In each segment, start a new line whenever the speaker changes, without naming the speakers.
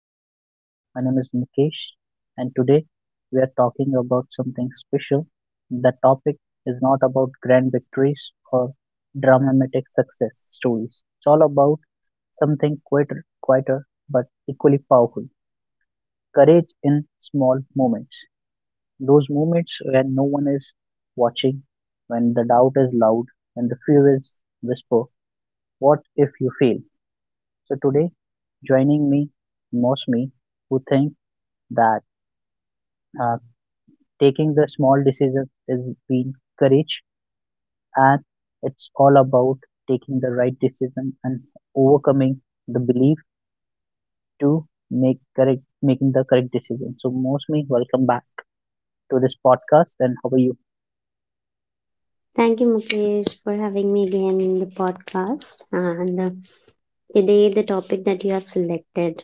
podcast. My name is Nikesh, and today we are talking about something special. The topic is not about grand victories or dramatic success stories. It's all about something quieter, quieter but equally powerful courage in small moments. Those moments when no one is watching, when the doubt is loud, when the fear is whisper. What if you fail? So today, joining me, Mosmi, who think that uh, taking the small decisions is being courage, and it's all about taking the right decision and overcoming the belief to make correct making the correct decision. So Mosmi, welcome back to this podcast. And how are you?
Thank you, Mukesh, for having me again in the podcast. And today, the topic that you have selected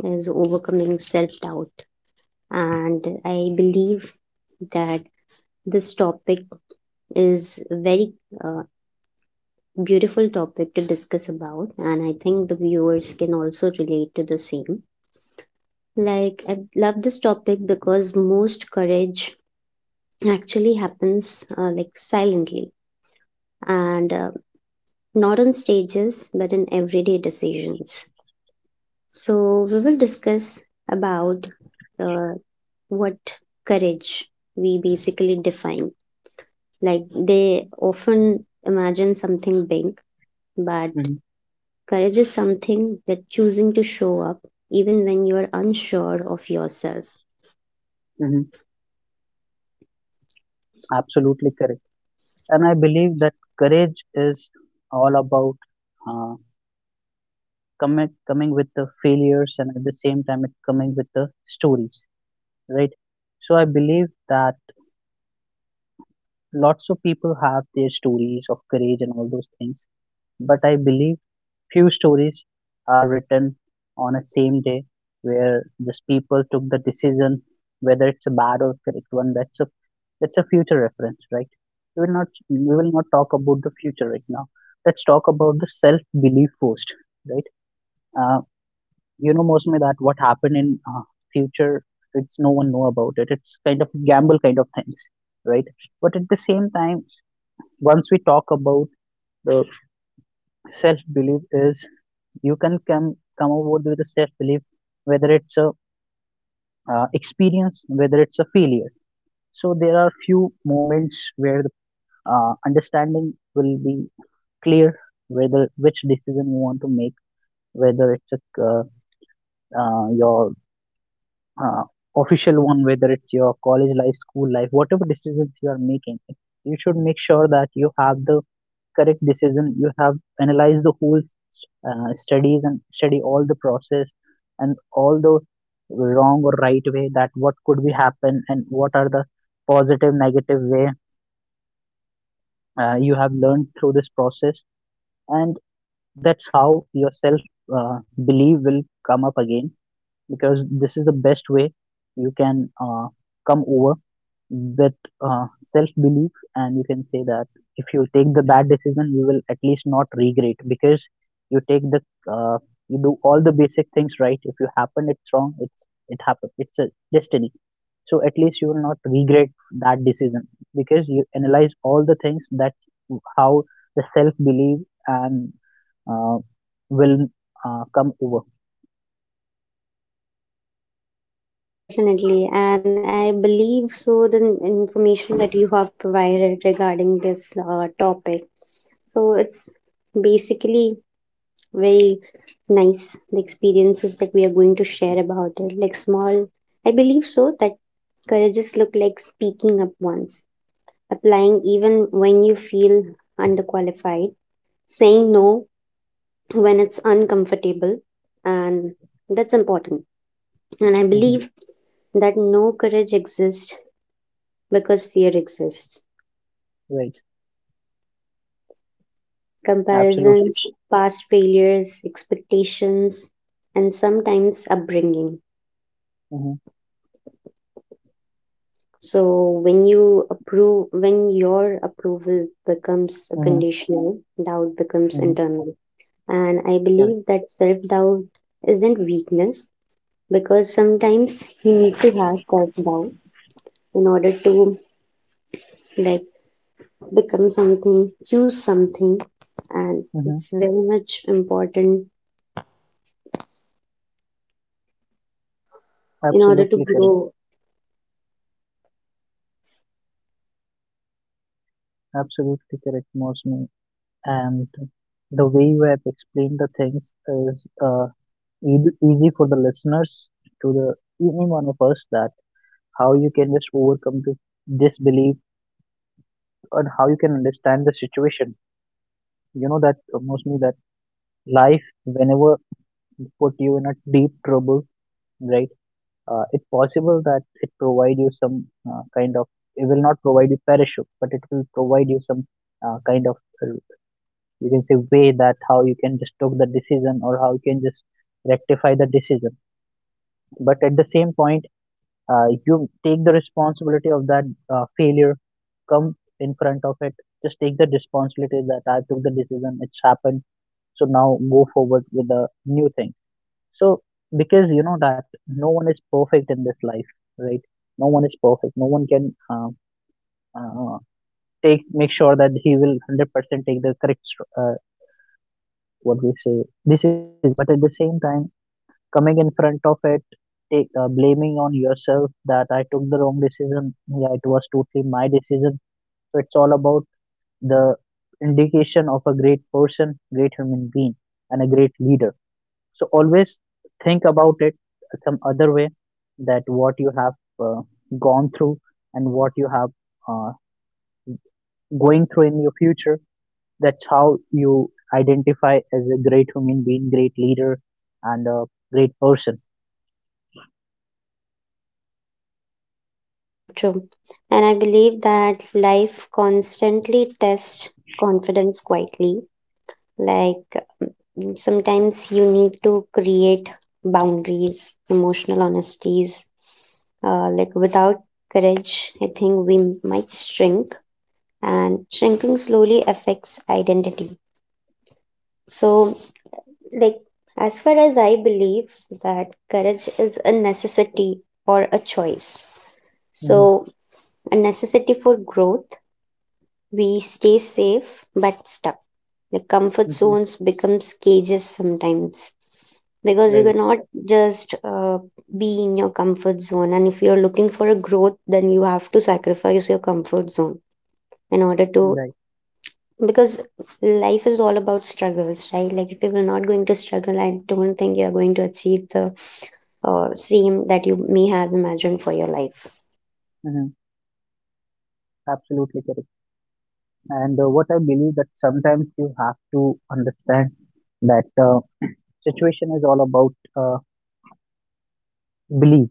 is overcoming self doubt. And I believe that this topic is a very uh, beautiful topic to discuss about. And I think the viewers can also relate to the same. Like, I love this topic because most courage actually happens like silently. And not on stages but in everyday decisions. So we will discuss about uh, what courage we basically define. Like they often imagine something big, but
Mm-hmm,
courage is something that choosing to show up even when you are unsure of yourself.
hmm. Absolutely correct. And I believe that courage is all about. uh, Coming, coming with the failures, and at the same time it coming with the stories, right? So I believe that lots of people have their stories of courage and all those things, but I believe few stories are written on a same day where these people took the decision whether it's a bad or correct one. That's a that's a future reference, right? We will not talk about the future right now. Let's talk about the self belief first, right? Uh, You know, Mosme, that what happened in future, it's no one know about it. It's kind of gamble kind of things, right? But at the same time, once we talk about the self belief, is you can come about with a self belief, whether it's a experience, whether it's a failure. So there are few moments where the understanding will be clear whether which decision you want to make, whether it's a, your uh, official one, whether it's your college life, school life, whatever decisions you are making, you should make sure that you have the correct decision. You have analyzed the whole studies and study all the process and all the wrong or right way that what could be happen and what are the positive, negative way you have learned through this process. And that's how your self uh, belief will come up again, because this is the best way you can come over with uh, self belief, and you can say that if you take the bad decision you will at least not regret, because you take the uh, you do all the basic things right. If you happen it's wrong, it's it happened, it's a destiny, so at least you will not regret that decision, because you analyze all the things that how the self belief and uh, will come over.
Yeah, definitely. And I believe so the information that you have provided regarding this topic. So it's basically very nice the experiences that we are going to share about it, like small, I believe so that courageous look like speaking up once, applying even when you feel underqualified, saying no when it's uncomfortable, and that's important. And I
Hmm,
believe that no courage exists because fear exists,
right, absolutely.
comparisons, past failures, expectations, and sometimes upbringing.
Mm-hmm.
So when you approve, when your approval becomes a
Mm-hmm.
conditional, doubt becomes
Mm-hmm.
internal. And I
Correct.
believe that self-doubt isn't weakness, because sometimes you need to have self-doubt in order to, like, become something, choose something, and
Mm-hmm.
it's very much important in order to
Absolutely correct.
grow.
Absolutely correct, Mosme. And the way you have explained the things is easy for the listeners to the any one of us, that how you can just overcome this disbelief and how you can understand the situation. You know that Mosme, that life whenever put you in a deep trouble, right? It's possible that it provide you some kind of, it will not provide you parachute, but it will provide you some kind of, you can say way, that how you can just took the decision or how you can just rectify the decision. But at the same point, you take the responsibility of that failure, come in front of it, just take the responsibility that I took the decision, it's happened, so now go forward with a new thing. So because you know that no one is perfect in this life, right? No one is perfect, no one can uh, take make sure that he will 100% take the correct what we say decisions. But at the same time, coming in front of it, take, blaming on yourself that I took the wrong decision, yeah, it was totally my decision. So it's all about the indication of a great person, great human being, and a great leader. So always think about it some other way, that what you have uh, gone through, and what you have uh, going through in your future. That's how you identify as a great human being, great leader, and a great person.
Yeah, true. And I believe that life constantly tests confidence quietly. Like, sometimes you need to create boundaries, emotional honesties. Like without courage, I think we might shrink, and shrinking slowly affects identity. So, like, as far as I believe that courage is a necessity or a choice.
Hmm.
So, a necessity for growth. We stay safe but stuck. The comfort
Hmm.
zones becomes cages sometimes because you
Right,
cannot just be in your comfort zone, and if you're looking for a growth then you have to sacrifice your comfort zone in order to,
right.
because life is all about struggles, right? Like if you're not going to struggle, I don't think you're going to achieve the same that you may have imagined for your life.
Hmm. Absolutely correct. And what I believe, that sometimes you have to understand that situation is all about belief,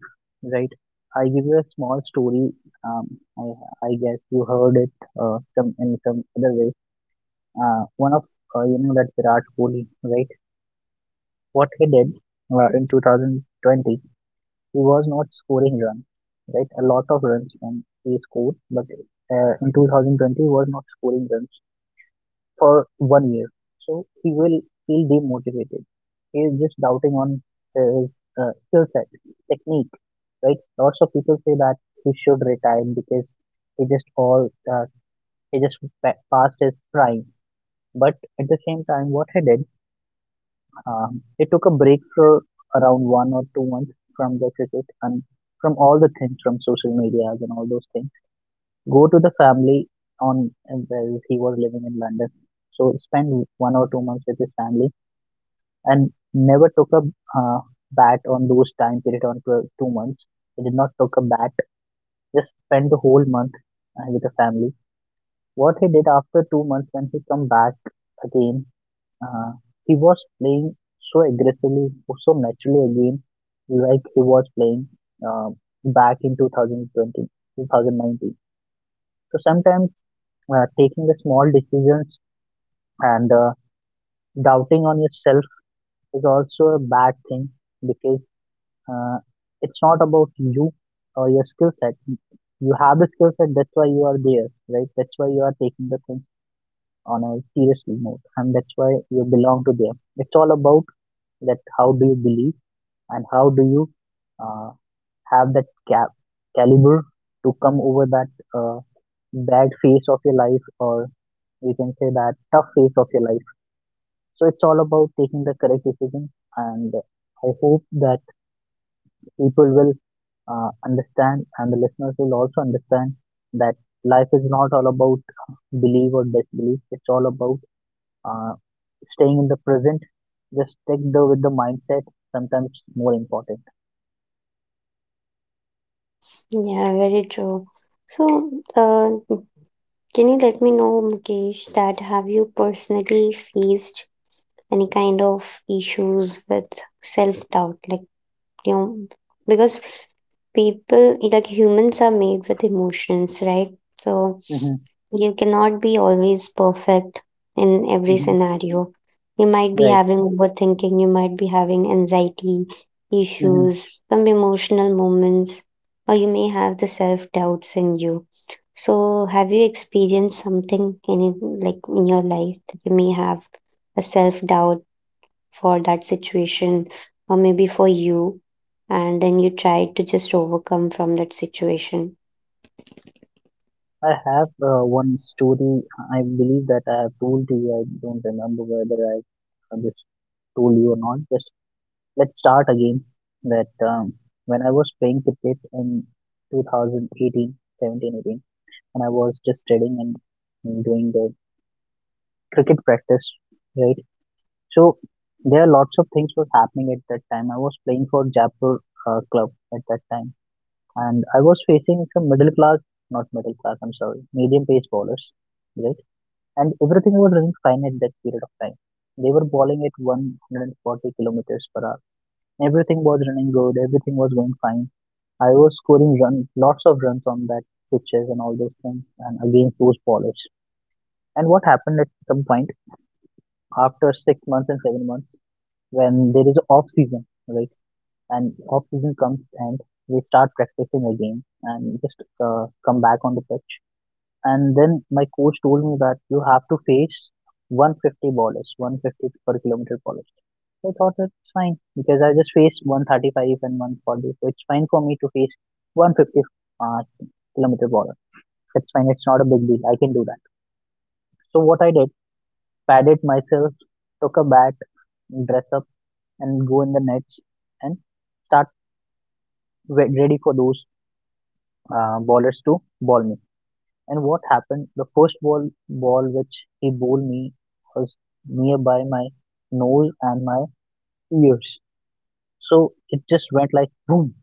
right? I give you a small story. Um, I, I guess you heard it some in some other way. One of you know that Virat Kohli, right? What he did
Yeah,
in 2020, he was not scoring runs, right? A lot of runs and he scored, but in 2020 he was not scoring runs for 1 year. So he will feel demotivated. He is just doubting on his skill set, technique, right? Lots of people say that he should retire because he just all he just pa- passed his prime. But at the same time, what he did, he took a break for around 1 or 2 months from the cricket, and from all the things from social medias and all those things. Go to the family on where he was living in London. So spend 1 or 2 months with his family, and never took a uh, bat on those time period on 2 months. He did not took a bat. Just spent the whole month with the family. What he did after 2 months when he come back again, uh, he was playing so aggressively, so naturally again, like he was playing uh, back in 2020, 2019. So sometimes taking the small decisions and doubting on yourself is also a bad thing, because uh, it's not about you or your skill set. You have the skill set, that's why you are there, right? That's why you are taking the things on a seriously mode, and that's why you belong to them. It's all about that how do you believe, and how do you uh, have that cap caliber to come over that uh, bad phase of your life, or we can say that tough phase of your life. So it's all about taking the correct decision, and I hope that people will understand, and the listeners will also understand, that life is not all about believe or disbelief. It's all about uh, staying in the present, just stick the with the mindset sometimes more important.
yeah, very true. So uh, can you let me know, Mukesh, that have you personally faced any kind of issues with self doubt? Like, you know, because people, like humans are made with emotions, right? So
Hmm.
you cannot be always perfect in every
Hmm.
scenario. You might be
Right.
having overthinking, you might be having anxiety issues, some emotional moments, or you may have the self doubts in you. So have you experienced something in, like in your life, that you may have a self doubt for that situation or maybe for you, and then you try to just overcome from that situation?
I have one story. I believe that I have told to you. I don't remember whether I just told you or not. Just let's start again. That when I was playing cricket in 2018 17 18, 17, and I was just studying and doing the cricket practice, right? So there are lots of things was happening at that time. I was playing for Jaipur club at that time, and I was facing some middle class. Not middle class. I'm sorry, medium pace bowlers, right? And everything was running fine at that period of time. They were bowling at 140 kilometers per hour. Everything was running good. Everything was going fine. I was scoring run, lots of runs on that pitches and all those things and against those bowlers. And what happened at some point after 6 months and 7 months, when there is off season, right? And off season comes and we start practicing again, and just come back on the pitch. And then my coach told me that you have to face 150 ballers, 150 per kilometer ballers. I thought it's fine, because I just faced 135 and 140, so it's fine for me to face 150 uh, kilometer baller. It's fine. It's not a big deal. I can do that. So what I did, padded myself, took a bat, dress up, and go in the nets and start ready for those ballers to ball me. And what happened? The first ball which he bowled me was nearby my nose and my ears. So it just went like boom,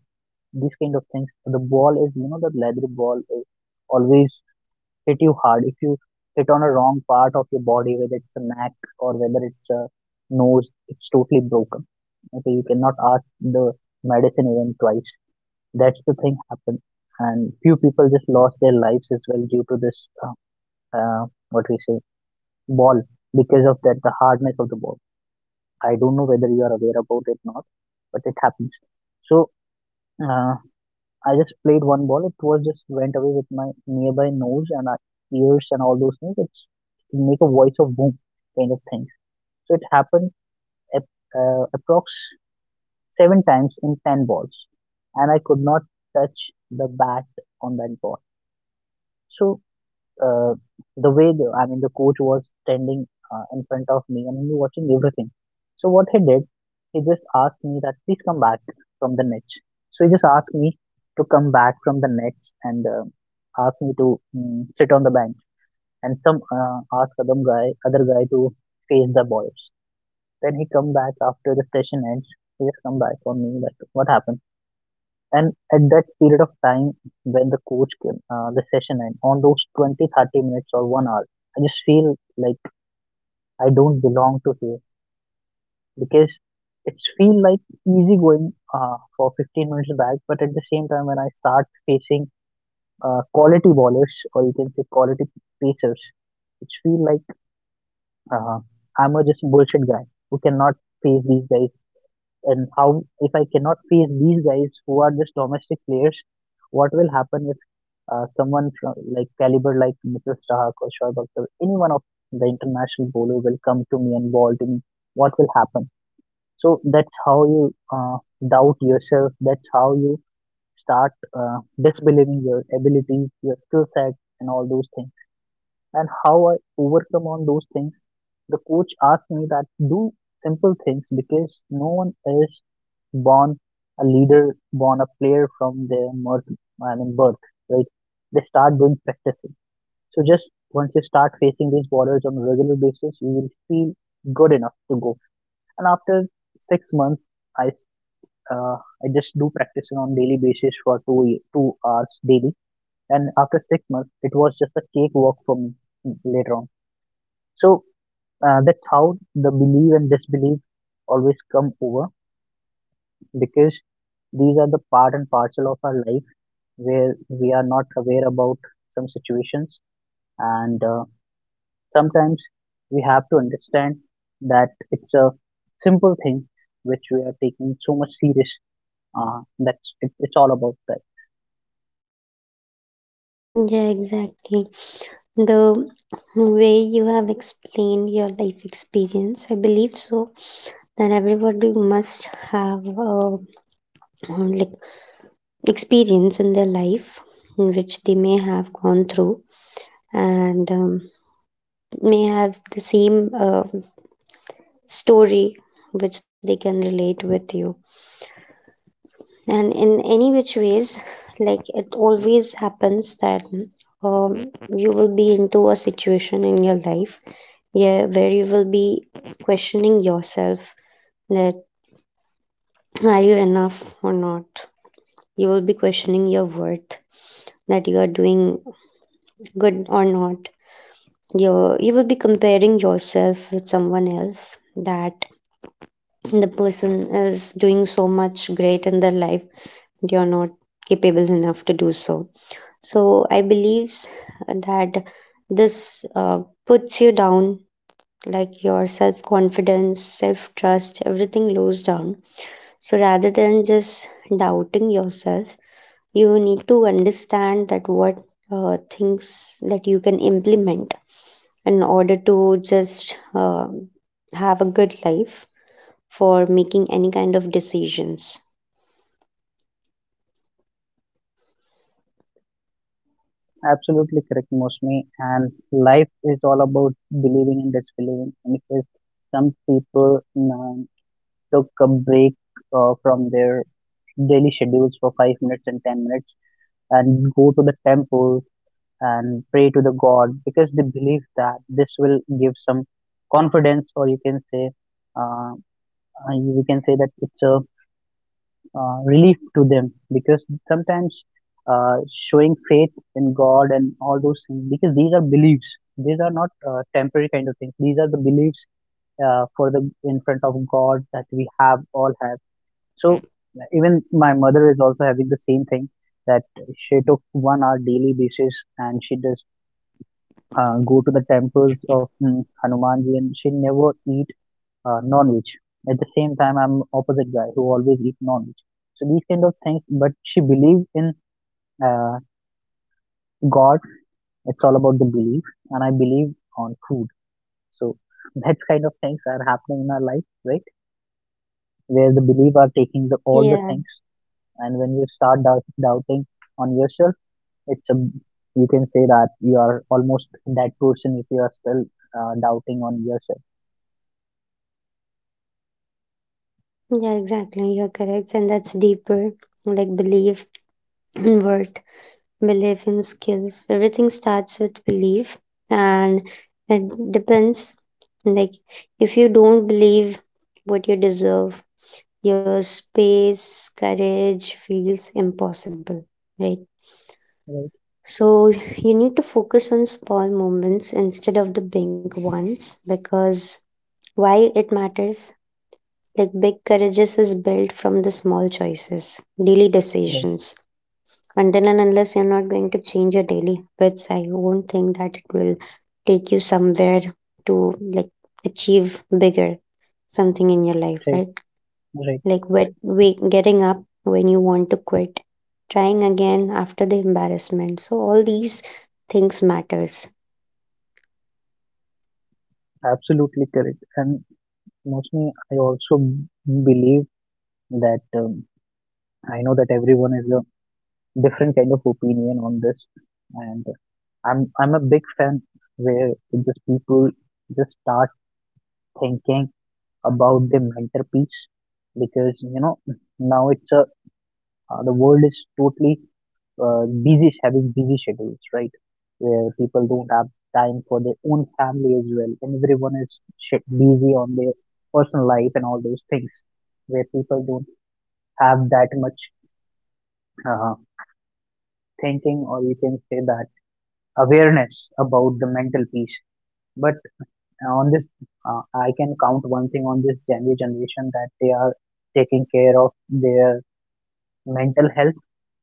these kind of things. The ball is, you know, the leather ball is always hit you hard. If you hit on a wrong part of your body, whether it's a neck or whether it's a nose, it's totally broken. Okay, you cannot ask the medicine even twice. That's the thing happened, and few people just lost their lives as well due to this. Uh, what we say ball, because of that the hardness of the ball. I don't know whether you are aware about it or not, but it happens. So uh, I just played one ball. It was just went away with my nearby nose and ears and all those things. It's it make a voice of boom kind of thing. So it happened approx seven times in ten balls, and I could not touch the bat on that ball. So uh, I mean the coach was standing in front of me and he was watching everything. So what he did, he just asked me that please come back from the nets. So he just asked me to come back from the nets and asked me to sit on the bench and some ask other guy to face the balls. Then he come back after the session ends. He just come back on me that what happened. And at that period of time when the coach came, the session end, on those 20, 30 minutes or 1 hour, I just feel like I don't belong to here because it's feel like easy going for 15 minutes back. But at the same time, when I start facing quality bowlers or you can say quality pacers, it feel like uh, I'm a just bullshit guy who cannot face these guys, and how if I cannot face these guys who are just domestic players, what will happen if someone from like caliber like Mr. Stark or Shoaib Akhtar, any one of the international bowler will come to me and bowl to me. What will happen? So that's how you doubt yourself. That's how you start disbelieving your abilities, your skill set, and all those things. And how I overcome on those things, the coach asked me that do simple things because no one is born a leader, born a player from their birth, I mean birth, right? They start doing practicing. So just once you start facing these borders on a regular basis, you will feel good enough to go. And after 6 months, I s- I just do practicing on daily basis for 2 hours daily. And after 6 months, it was just a cakewalk for me, later on. So that's how the belief and disbelief always come over because these are the part and parcel of our life, where we are not aware about some situations and sometimes we have to understand that it's a simple thing which we are taking so much serious, that's it. It's all about that.
Yeah, exactly. The way you have explained your life experience, I believe so, that everybody must have a, like, experience in their life in which they may have gone through, and may have the same story which they can relate with you, and in any which ways. Like, it always happens that um, you will be into a situation in your life, yeah, where you will be questioning yourself, that are you enough or not. You will be questioning your worth, that you are doing good or not. You will be comparing yourself with someone else, that the person is doing so much great in their life, you're not capable enough to do so. So I believe that this puts you down, like your self confidence, self trust, everything goes down. So rather than just doubting yourself, you need to understand that what things that you can implement in order to just have a good life for making any kind of decisions.
Absolutely correct, mostly, and life is all about believing and disbelieving. And because some people took a break from their daily schedules for 5 minutes and 10 minutes and go to the temple and pray to the god because they believe that this will give some confidence, or uh, you can say that it's a relief to them because sometimes uh, showing faith in god and all those things, because these are beliefs. These are not temporary kind of things. These are the beliefs for the in front of god that we have all have. So even my mother is also having the same thing, that she took 1 hour daily basis and she just go to the temples of Hanumanji, and she never eat non-veg. At the same time, I'm opposite guy who always eat non-veg. So these kind of things, but she believes in uh, God. It's all about the belief, and I believe on food. So that kind of things are happening in our life, right? Where the belief are taking the, all the
Yeah,
things. And when you start doubting on yourself, it's a, you can say that you are almost that person if you are still doubting on yourself.
yeah, exactly. You're correct. And that's deeper, like belief in worth. Belief in skills. Everything starts with belief, and it depends. Like, if you don't believe what you deserve, your space, courage feels impossible, right?
Right,
So, you need to focus on small moments instead of the big ones, because why it matters. Like, big courages is built from the small choices, daily
right,
decisions. Until and unless you're not going to change your daily habits, I won't think that it will take you somewhere to, like, achieve bigger something in your life,
right,
right?
right.
Like wake, getting up when you want to quit, trying again after the embarrassment. So all these things matters.
Absolutely correct. And mostly, I also believe that, I know that everyone has a different kind of opinion on this, and I'm a big fan where just people just start thinking about the mental peace. Because you know, now it's a, the world is totally busy, having busy schedules, right? Where people don't have time for their own family as well, and everyone is busy on their personal life and all those things. Where people don't have that much uh, thinking, or you can say that awareness about the mental peace. But on this, I can count one thing on this Gen Z generation, that they are taking care of their mental health.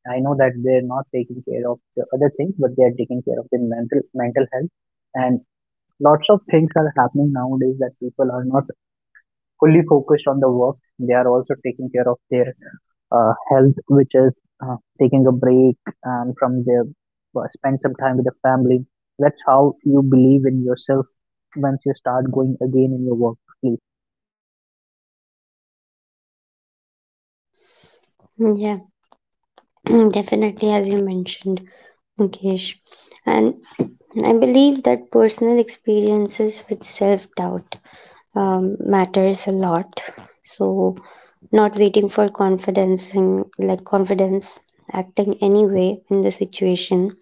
I know that they're not taking care of the other things, but they are taking care of their mental health. And lots of things are happening nowadays that people are not fully focused on the work. They are also taking care of their health, which is taking a break and from their spend some time with the family. That's how you believe in yourself once you start going again in your work. Please,
Yeah, definitely, as you mentioned, Mukesh. And I believe that personal experiences with self doubt matters a lot. So not waiting for confidence in, like, confidence, acting anyway in the situation,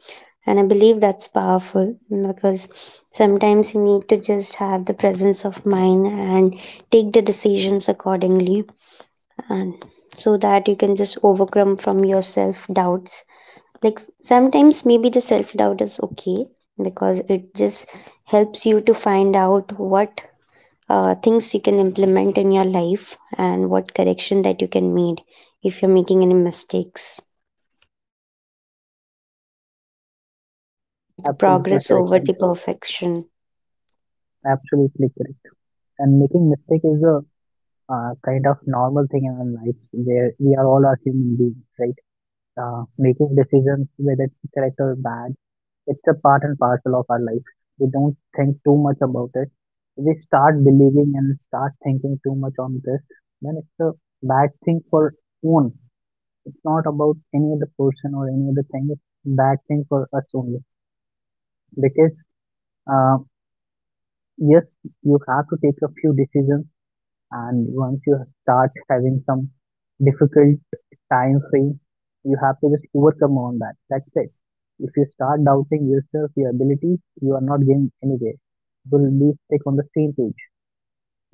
and I believe that's powerful, because sometimes you need to just have the presence of mind and take the decisions accordingly, and so that you can just overcome from your self doubts. Like, sometimes maybe the self doubt is okay, because it just helps you to find out what things you can implement in your life, and what correction that you can make if you're making any mistakes, like
absolutely
progress
correct
over the
and
perfection.
absolutely correct. And making mistake is a kind of normal thing in our life, where we are all are human beings, right? Making decisions whether it's correct or bad, it's a part and parcel of our life. We don't think too much about it. We start believing and start thinking too much on this, then it's a bad thing for own. It's not about any other person or any other thing. It's bad thing for us only, because uh, yes, you have to take a few decisions. And once you start having some difficult time frame, you have to just overcome on that. That's it. If you start doubting yourself, your abilities, you are not going anywhere. You will be stuck on the same page,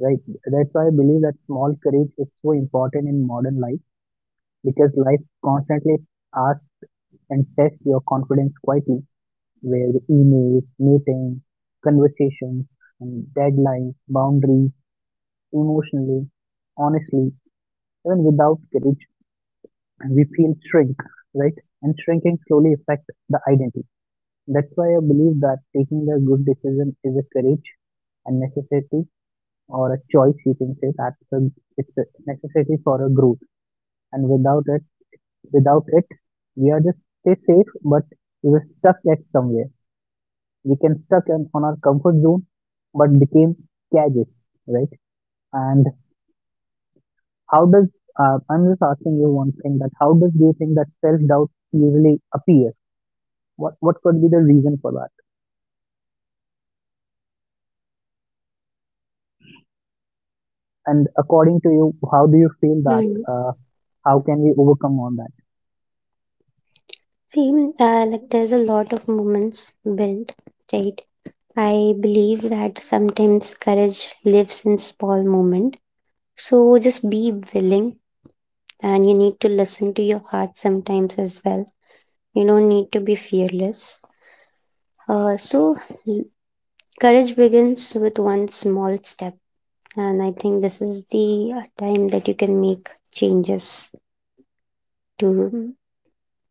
right? That's why I believe that small courage is so important in modern life, because life constantly asks and tests your confidence quietly, where emails, meetings, conversations, and deadlines, boundaries, emotionally, honestly, even without courage, we feel shrink, right? And shrinking slowly affects the identity. That's why I believe that taking a good decision is a courage and necessity, or a choice you can say that. So it's a necessity for a growth, and without it, without it, we are just stay safe, but we were stuck at somewhere. We can on our comfort zone, but became cages, right? And how does, I'm just asking you one thing, that how does do you think that self doubt usually appears? What could be the reason for that? And according to you, how do you feel that?
Hmm.
Uh, how can we overcome all that?
See, like, there's a lot of moments built, right? I believe that sometimes courage lives in small moment, so just be willing, and you need to listen to your heart sometimes as well. You don't need to be fearless. So l- courage begins with one small step, and I think this is the time that you can make changes to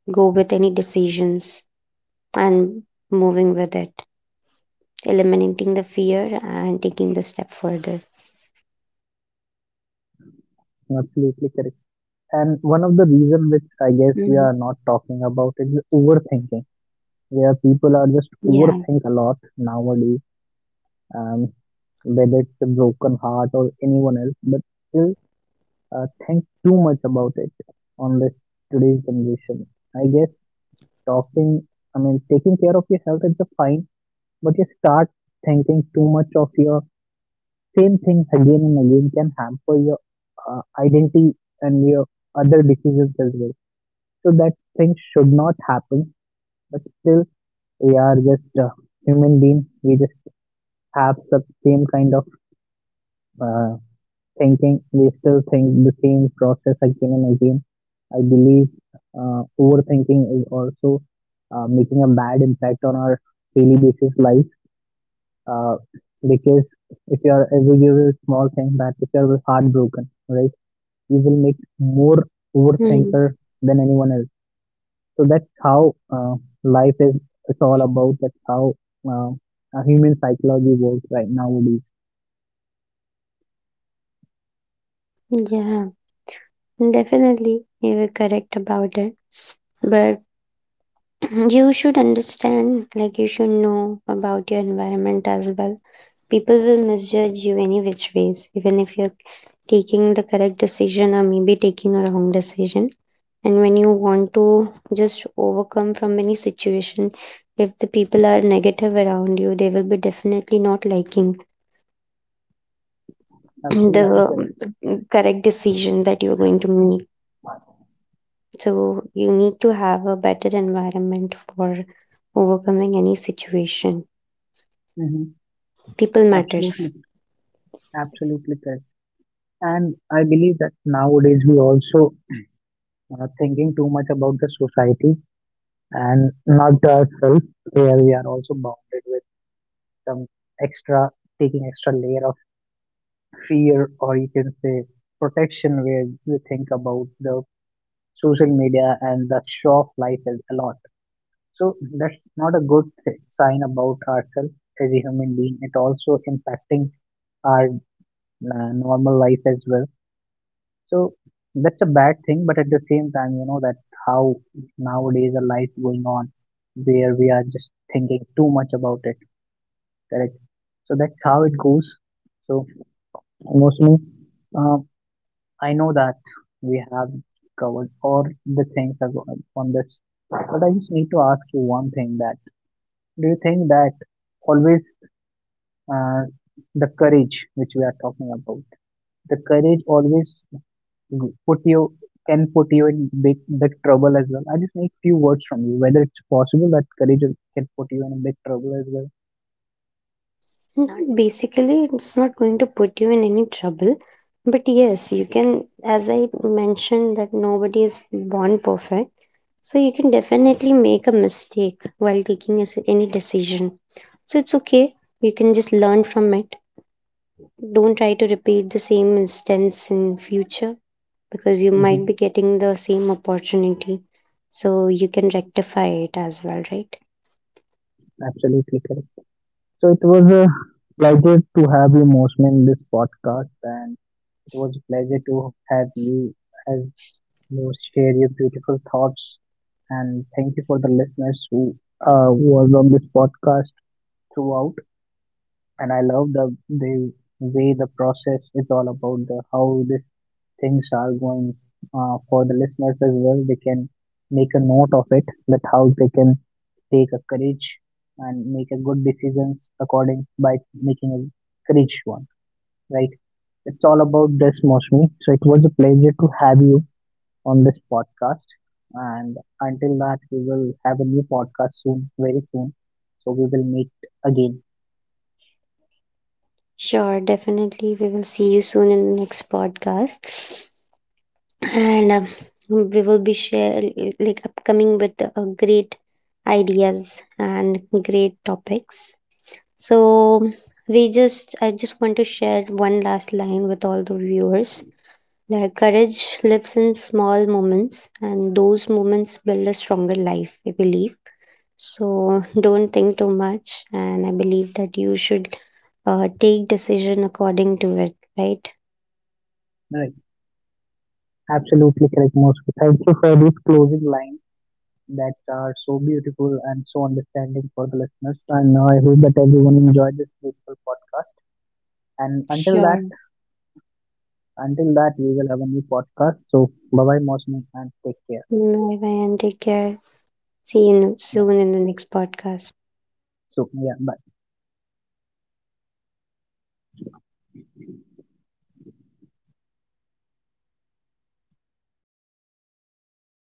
go with any decisions and moving with it, eliminating the fear and taking the step further.
You're absolutely correct. And one of the reason which I guess we
Hmm.
are not talking about is the overthinking, where people are just
Yeah.
overthink a lot nowadays. Um, Whether it's a broken heart or anyone else, but still think too much about it on this today's generation. I guess talking, I mean, taking care of your health is the fine, but you start thinking too much of your same things again and again can hamper your identity and your other decisions as well. So that thing should not happen, but still we are just human beings. We just have the same kind of uh, thinking. We still think the same process again and again. I believe overthinking is also making a bad impact on our daily basis life, uh, because if you are, if we give a small thing that if you are heartbroken, right, you will make more
Mm.
overthinker than anyone else. So that's how life is. It's all about that's how uh, a human psychology works, right, nowadays.
Yeah, definitely, you were correct about it. But you should understand, like, you should know about your environment as well. People will misjudge you any which ways, even if you're taking the correct decision or maybe taking a wrong decision. And when you want to just overcome from any situation, if the people are negative around you, they will be definitely not liking
Absolutely correct.
the correct decision that you're going to make. So you need to have a better environment for overcoming any situation.
Hmm.
People
Absolutely,
matters.
absolutely correct. And I believe that nowadays we also are thinking too much about the society and not ourselves, where we are also bounded some extra, taking extra layer of fear, or you can say protection, where you think about the social media and the show of life is a lot. So that's not a good sign about ourselves as a human being. It also impacting our normal life as well. So that's a bad thing, but at the same time you know that how nowadays a life going on, where we are just thinking too much about it. Correct. So that's how it goes. So mostly, uh, I know that we have covered all the things on this, but I just need to ask you one thing: that do you think that always, uh, the courage which we are talking about, the courage always put you, can put you in big big trouble as well? I just need few words from you whether it's possible that courage can put you in a big trouble as well.
Not basically, it's not going to put you in any trouble. But yes, you can, as I mentioned, that nobody is born perfect. So you can definitely make a mistake while taking a any decision. So it's okay. You can just learn from it. Don't try to repeat the same instance in future, because you
Hmm.
might be getting the same opportunity. So you can rectify it as well, right?
Absolutely correct. So it was a pleasure to have you, Mosman, in this podcast and. It was a pleasure to have you share your beautiful thoughts. And thank you for the listeners who was on this podcast throughout. And I love the way the process is all about the how these things are going for the listeners as well. They can make a note of it that how they can take a courage and make a good decisions according by making a courage one. Right. It's all about this, Mosmi. So it was a pleasure to have you on this podcast. And until that, we will have a new podcast soon, very soon. So we will meet again.
Sure, definitely. We will see you soon in the next podcast. And we will be share, like, upcoming with great ideas and great topics. So we just I just want to share one last line with all the viewers. Like, courage lives in small moments and those moments build a stronger life, I believe. So don't think too much, and I believe that you should take decision according to it, right?
Right. Absolutely correct, Mosmi. Thank you for these closing lines that are so beautiful and so understanding for the listeners. And I hope that everyone enjoyed this beautiful podcast. And until that,
Sure.
we will have a new podcast. So bye bye, Mosmi, and take care.
Bye bye, and take care. See you
Bye.
soon in the next podcast.
So yeah, bye.